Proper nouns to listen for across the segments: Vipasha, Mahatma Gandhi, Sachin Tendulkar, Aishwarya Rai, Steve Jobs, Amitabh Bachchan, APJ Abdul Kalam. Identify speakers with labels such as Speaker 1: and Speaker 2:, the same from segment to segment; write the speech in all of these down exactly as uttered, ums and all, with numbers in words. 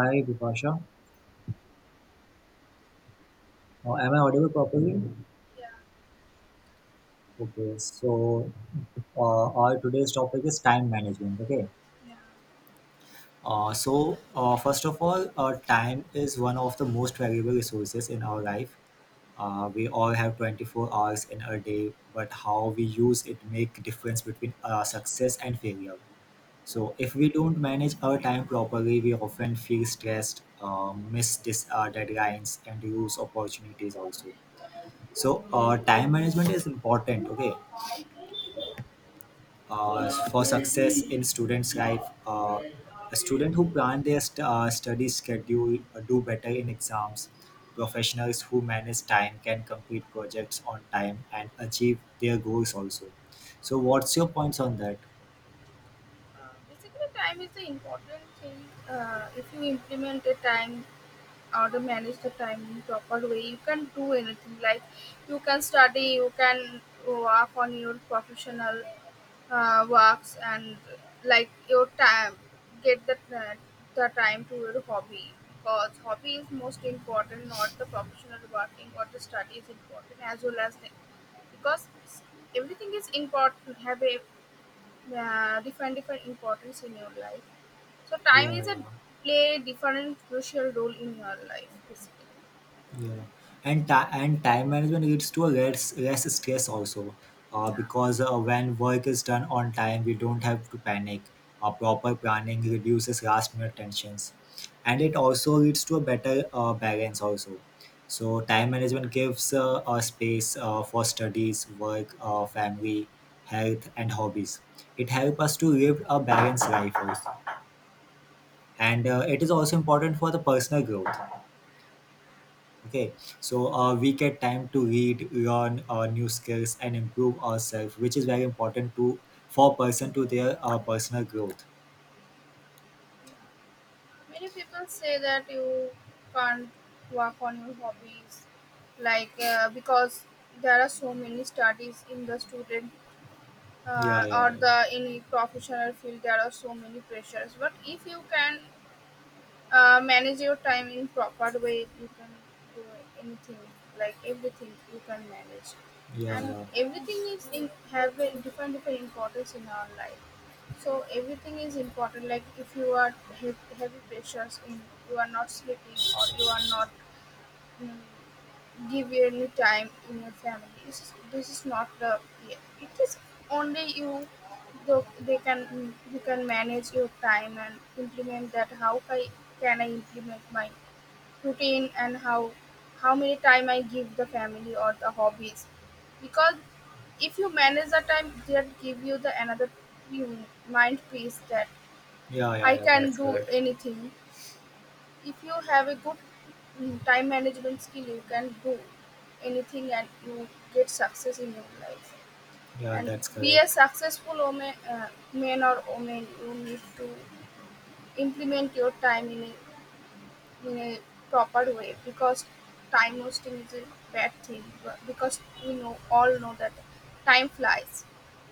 Speaker 1: Hi, Vipasha. Uh, am I audible properly?
Speaker 2: Yeah,
Speaker 1: Okay, so uh, our today's topic is time management. Okay,
Speaker 2: yeah.
Speaker 1: uh, so uh, first of all, uh, time is one of the most valuable resources in our life. Uh, we all have twenty-four hours in a day, but how we use it make difference between uh, success and failure. So if we don't manage our time properly, we often feel stressed, uh, miss dis- uh, deadlines, and lose opportunities also. So uh, time management is important, okay, uh, for success in students' life. Uh, a student who plan their st- uh, study schedule uh, do better in exams. Professionals who manage time can complete projects on time and achieve their goals also. So, what's your points on that?
Speaker 2: Um, Basically, time is the important thing. Uh, if you implement a time or to manage the time in proper way, you can do anything. Like you can study, you can work on your professional uh, works, and like your time, get the uh, the time to your hobby because hobby is most important, not the professional working or the study is important as well as the because everything is important have a yeah different different importance in your life, so time
Speaker 1: Yeah,
Speaker 2: is a
Speaker 1: yeah.
Speaker 2: play different crucial role in your life basically.
Speaker 1: Yeah, and ti and time management leads to a less less stress also, uh,
Speaker 2: Yeah,
Speaker 1: because uh, when work is done on time, we don't have to panic. Uh, proper planning reduces last minute tensions, and it also leads to a better uh, balance also. So time management gives uh, a space uh, for studies, work, uh, family, health, and hobbies. It helps us to live a balanced life also, and uh, it is also important for the personal growth. Okay, so uh, we get time to read learn uh, new skills and improve ourselves, which is very important to for person to their uh, personal growth.
Speaker 2: many people say that you can't work on your hobbies like uh, because there are so many studies in the student uh,
Speaker 1: Yeah, yeah,
Speaker 2: or
Speaker 1: yeah,
Speaker 2: the in professional field there are so many pressures, but if you can Uh, manage your time in proper way, you can do anything, like everything you can manage, and
Speaker 1: yeah.
Speaker 2: everything is in have a different different importance in our life. So everything is important. Like if you are have heavy pressures in, you are not sleeping or you are not. mm, Give any time in your family. This is this is not the yeah, it is only you. The they can you can manage your time and implement that how I can I implement my routine and how how many time I give the family or the hobbies, because if you manage the time that give you the another you mind peace that
Speaker 1: Yeah, yeah,
Speaker 2: I
Speaker 1: yeah, yeah,
Speaker 2: can
Speaker 1: that's
Speaker 2: do
Speaker 1: correct.
Speaker 2: anything. If you have a good mm, time management skill, you can do anything and you get success in your life.
Speaker 1: Yeah,
Speaker 2: And
Speaker 1: that's
Speaker 2: be a
Speaker 1: correct.
Speaker 2: successful woman, uh, man or woman, you need to implement your time in a, in a proper way, because time wasting is a bad thing but- because we know all know that time flies.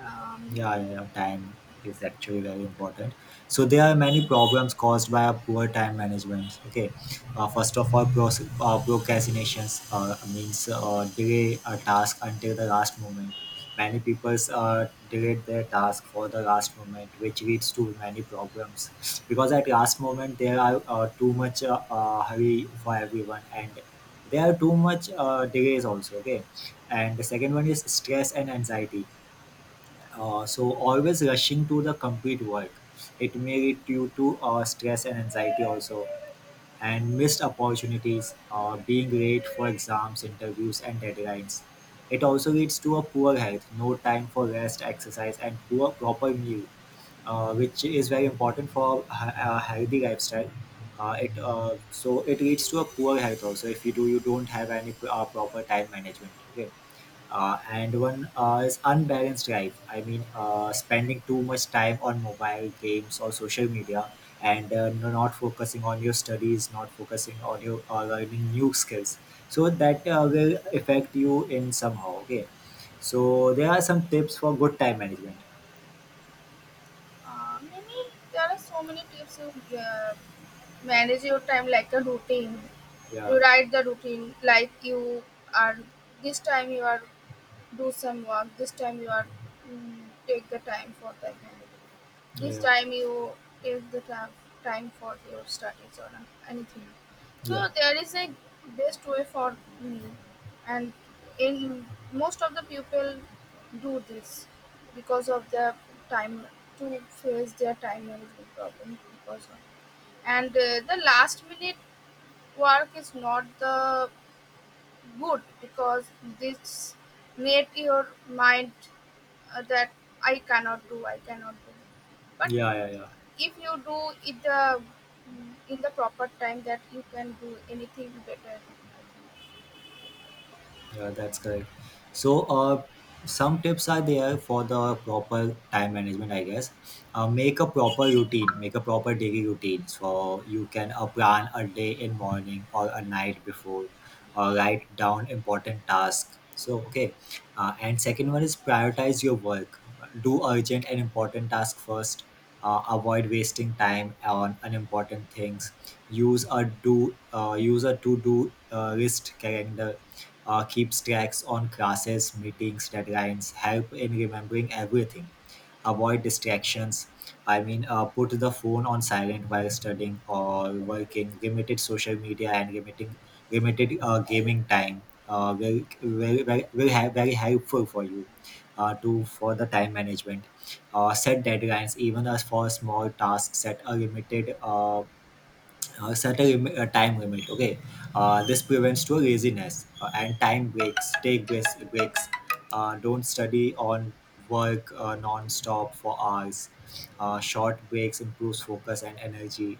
Speaker 2: um,
Speaker 1: Yeah, yeah, yeah, time is actually very important. So there are many problems caused by a poor time management. Okay, uh, first of all, pros- uh, procrastinations uh, means uh, delay a task until the last moment. Many people uh, delay their task for the last moment, which leads to many problems because at last moment there are uh, too much uh, uh, hurry for everyone, and there are too much uh, delays also. Okay, and the second one is stress and anxiety. Uh, so always rushing to the complete work. It may lead you to uh, stress and anxiety also, and missed opportunities, uh, being late for exams, interviews, and deadlines. It also leads to a poor health, no time for rest, exercise, and poor proper meal, uh, which is very important for a a healthy lifestyle. Uh, it uh, So it leads to a poor health also if you do you don't have any uh, proper time management. Okay, uh, and one uh, is unbalanced life. I mean, uh, spending too much time on mobile games or social media, and uh, no- not focusing on your studies, not focusing on your uh, learning new skills, so that uh, will affect you in somehow. Okay, so there are some tips for good time management.
Speaker 2: uh, Many there are so many tips. You uh, manage your time like a routine.
Speaker 1: Yeah,
Speaker 2: You write the routine like you are this time you are do some work. This time you are mm, take the time for that kind of thing. This
Speaker 1: yeah,
Speaker 2: time you take the time time for your studies or anything.
Speaker 1: yeah,
Speaker 2: So there is a best way for me, and in most of the people do this because of the time to face their time management problem because of and uh, the last minute work is not the good, because this made your mind uh, that I cannot do, I cannot do. But
Speaker 1: yeah, yeah, yeah.
Speaker 2: if you do it the mm, in the proper time, that you can do anything better, I think.
Speaker 1: Yeah, that's correct. So, uh, some tips are there for the proper time management, I guess. Uh, make a proper routine, make a proper daily routine. So you can uh, plan a day in morning or a night before, or write down important tasks. So okay, uh, and second one is prioritize your work. Do urgent and important tasks first. Uh, avoid wasting time on unimportant things. Use a do uh, use a to do uh, list calendar. Uh, keeps tracks on classes, meetings, deadlines, help in remembering everything, avoid distractions. I mean, uh, put the phone on silent while studying or working, limited social media and limiting limited uh, gaming time. Uh, will will will will have very helpful for you uh, to for the time management. Uh, set deadlines even as for small tasks, set a limited uh, uh, set a, lim- a time limit. Okay, uh, this prevents to laziness uh, and time breaks take breaks, breaks. Uh, don't study on work uh, non-stop for hours. Uh, short breaks improves focus and energy.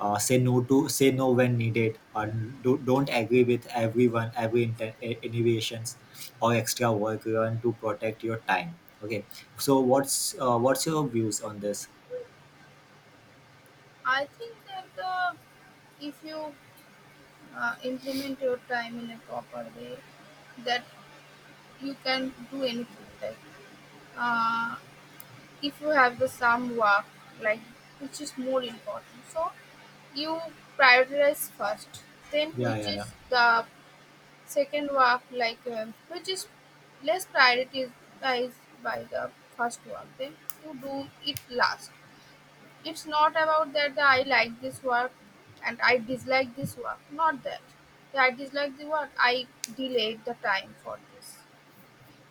Speaker 1: uh, say no to Say no when needed. Uh, do, don't agree with everyone, every inter- eh, innovations or extra work. Learn to protect your time. Okay, so what's uh, what's your views on this?
Speaker 2: I think that uh, if you uh, implement your time in a proper way that you can do anything. Like uh, if you have the some work like which is more important, so you prioritize first, then
Speaker 1: Yeah,
Speaker 2: which
Speaker 1: yeah, yeah,
Speaker 2: is the second work like um, which is less prioritized by the first work, then you do it last. It's not about that the I like this work and I dislike this work, not that. The I dislike the work I delayed the time for this,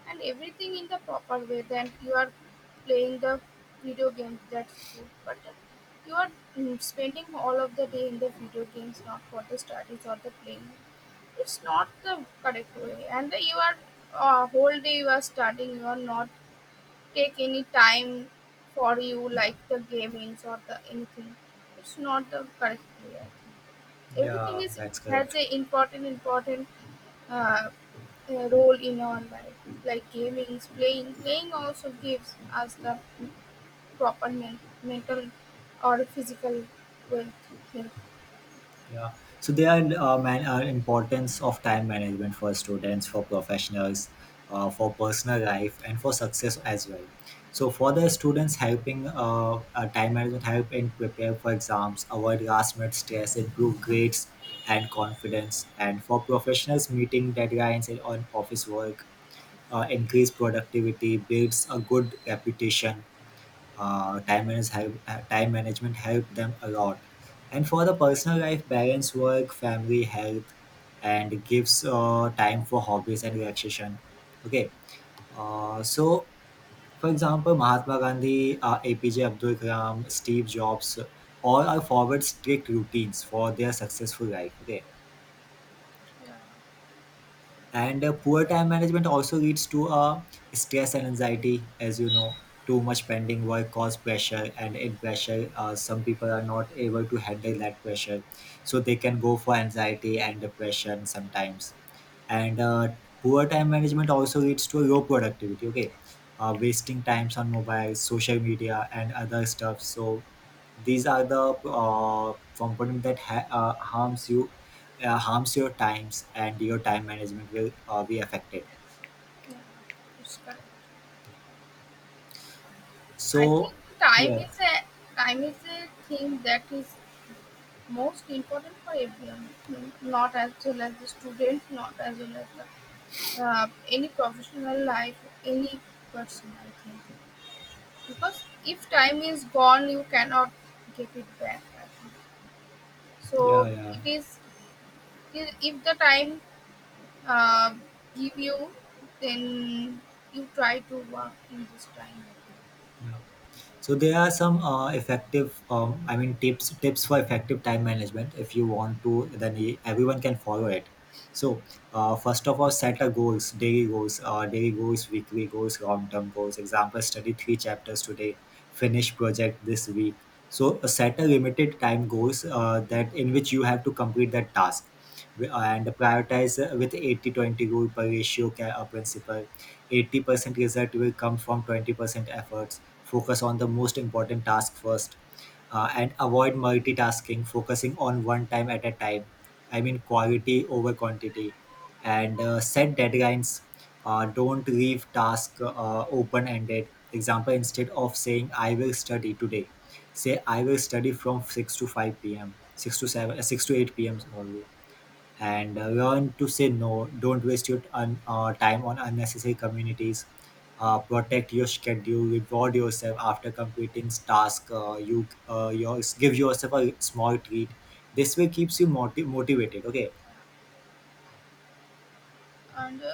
Speaker 2: and everything in the proper way. Then you are playing the video games, that's good. But you are mm, spending all of the day in the video games, not for the studies or the playing. It's not the correct way. And you are uh, whole day you are studying, you are not take any time for you like the gamings or the anything. It's not the correct way, I think. Everything
Speaker 1: yeah,
Speaker 2: is
Speaker 1: that's
Speaker 2: has
Speaker 1: correct.
Speaker 2: a important important uh, a role in our life, like gaming, playing. Playing also gives us the proper men- mental or physical wealth. Health.
Speaker 1: Yeah. So there are uh, man uh, importance of time management for students, for professionals, uh, for personal life, and for success as well. So for the students, helping uh, uh, time management help in prepare for exams, avoid last minute stress, improve grades and confidence, and for professionals, meeting deadlines and on office work, uh, increase productivity, builds a good reputation. Uh, time manage help, uh, time management helped them a lot, and for the personal life, balance work, family, health, and gives uh, time for hobbies and relaxation. Okay, uh, so for example, mahatma gandhi, uh, apj abdul kalam, steve jobs, all are forward strict routines for their successful life. Okay, and uh, poor time management also leads to uh, stress and anxiety, as you know. Too much pending work cause pressure, and in pressure uh, some people are not able to handle that pressure, so they can go for anxiety and depression sometimes. And uh, poor time management also leads to low productivity. Okay, uh, wasting times on mobile, social media, and other stuff. So these are the uh, component that ha- uh, harms you, uh, harms your times, and your time management will uh, be affected.
Speaker 2: It's correct. I
Speaker 1: So
Speaker 2: think time
Speaker 1: yeah,
Speaker 2: is a time is a thing that is most important for everyone, n- not as well as the student, not as well as the, uh, any professional life, any person. I think because if time is gone, you cannot get it back, I think.
Speaker 1: yeah,
Speaker 2: So
Speaker 1: yeah,
Speaker 2: it is I- if the time uh, give you, then you try to work in this time.
Speaker 1: yeah. So there are some uh, effective, um, I mean, tips tips for effective time management. If you want to, then e- everyone can follow it. So uh, first of all, set a goals, daily goals, uh, daily goals, weekly goals, long term goals. Example: study three chapters today, finish project this week. So uh, set a limited time goals uh, that in which you have to complete that task, and prioritize uh, with eighty twenty rule per ratio ca- uh, principle. eighty percent result will come from twenty percent efforts. Focus on the most important task first. Uh, and avoid multitasking, focusing on one time at a time. I mean, quality over quantity. And uh, set deadlines. Uh, don't leave task uh, open ended. Example, instead of saying I will study today, say I will study from six to five p.m six to seven uh, six to eight p.m, sorry. And uh, learn to say no. Don't waste your un- uh, time on unnecessary communities. Uh, protect your schedule. Reward yourself after completing task. Uh, you uh, your, give yourself a small treat. This way keeps you motiv- motivated. Okay.
Speaker 2: And uh,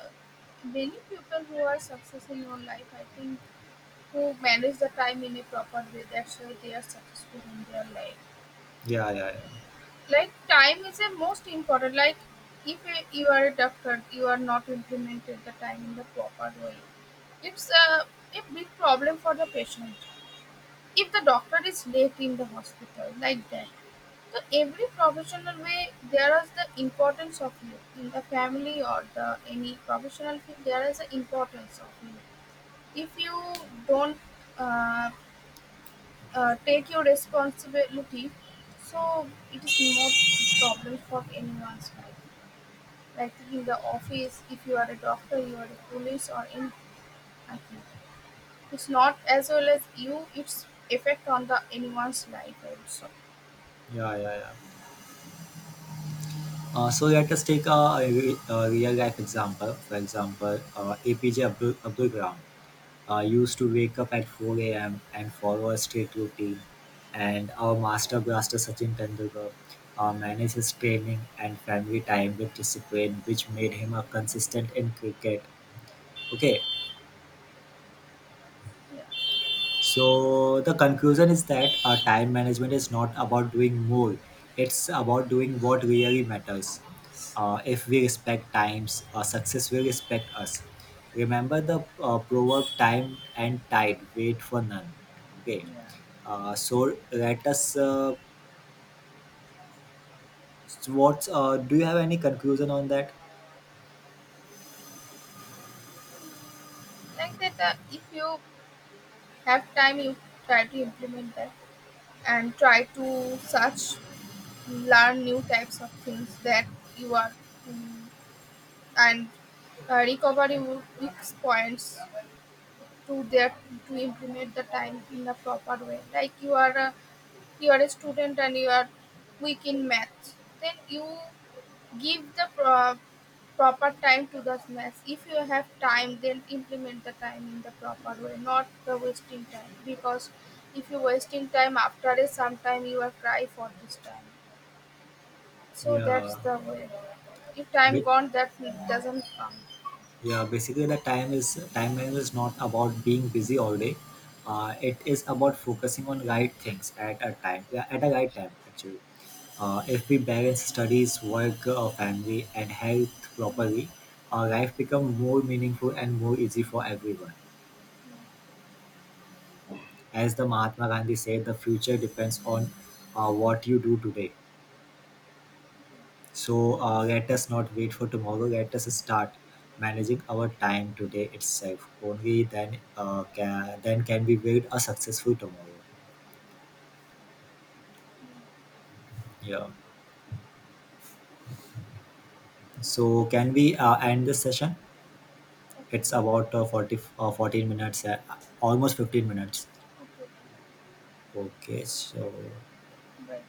Speaker 2: many people who are successful in life, I think, who manage the time in a proper way. That's why they are successful in their life.
Speaker 1: Yeah. Yeah. Yeah.
Speaker 2: Like time is the most important. Like if uh, you are a doctor, you are not implemented the time in the proper way. It's uh, a big problem for the patient. If the doctor is late in the hospital, like that. So every professional way there is the importance of you in the family or the any professional field there is the importance of you. If you don't uh, uh, take your responsibility, so it is more problem for anyone's life. Like in the office, if you are a doctor, you are a police or anything. I think it's not as well as you. It's effect on the anyone's life also.
Speaker 1: Yeah, yeah, yeah. Uh, so let us take a, a, re- a real life example. For example, uh, A P J Abdul, Abdul Kalam. I used to wake up at four a m and follow a strict routine. And our master blaster Sachin Tendulkar uh, managed his training and family time with discipline, which made him a consistent in cricket. Okay.
Speaker 2: Yeah.
Speaker 1: So the conclusion is that our time management is not about doing more; it's about doing what really matters. Uh, if we respect times, uh, success will respect us. Remember the uh, proverb: "Time and tide wait for none." Okay. Uh, so let us. Uh, so what uh, do you have any conclusion on that?
Speaker 2: Like that uh, if you have time you try to implement that and try to search learn new types of things that you are mm and uh, recover your weak points to that to implement the time in the proper way. Like you are a, you are a student and you are weak in math, then you give the pro- proper time to the mess. If you have time, then implement the time in the proper way, not the wasting time. Because if you're wasting time after a sometime, you will cry for this time. So
Speaker 1: Yeah.
Speaker 2: that's the way. If time gone, that doesn't come.
Speaker 1: Yeah, basically the time is time management is not about being busy all day. Uh, it is about focusing on right things at a time, yeah, at a right time actually. Uh, if we balance studies, work, uh, family, and health properly, our life becomes more meaningful and more easy for everyone. As the Mahatma Gandhi said, the future depends on uh, what you do today. So uh, let us not wait for tomorrow. Let us start managing our time today itself. Only then uh, can then can we build a successful tomorrow. Yeah. So can we uh, end this session? It's
Speaker 2: Okay.
Speaker 1: about uh, forty, uh, fourteen minutes, uh, almost fifteen minutes.
Speaker 2: Okay. Okay.
Speaker 1: Okay. So.
Speaker 2: Bye.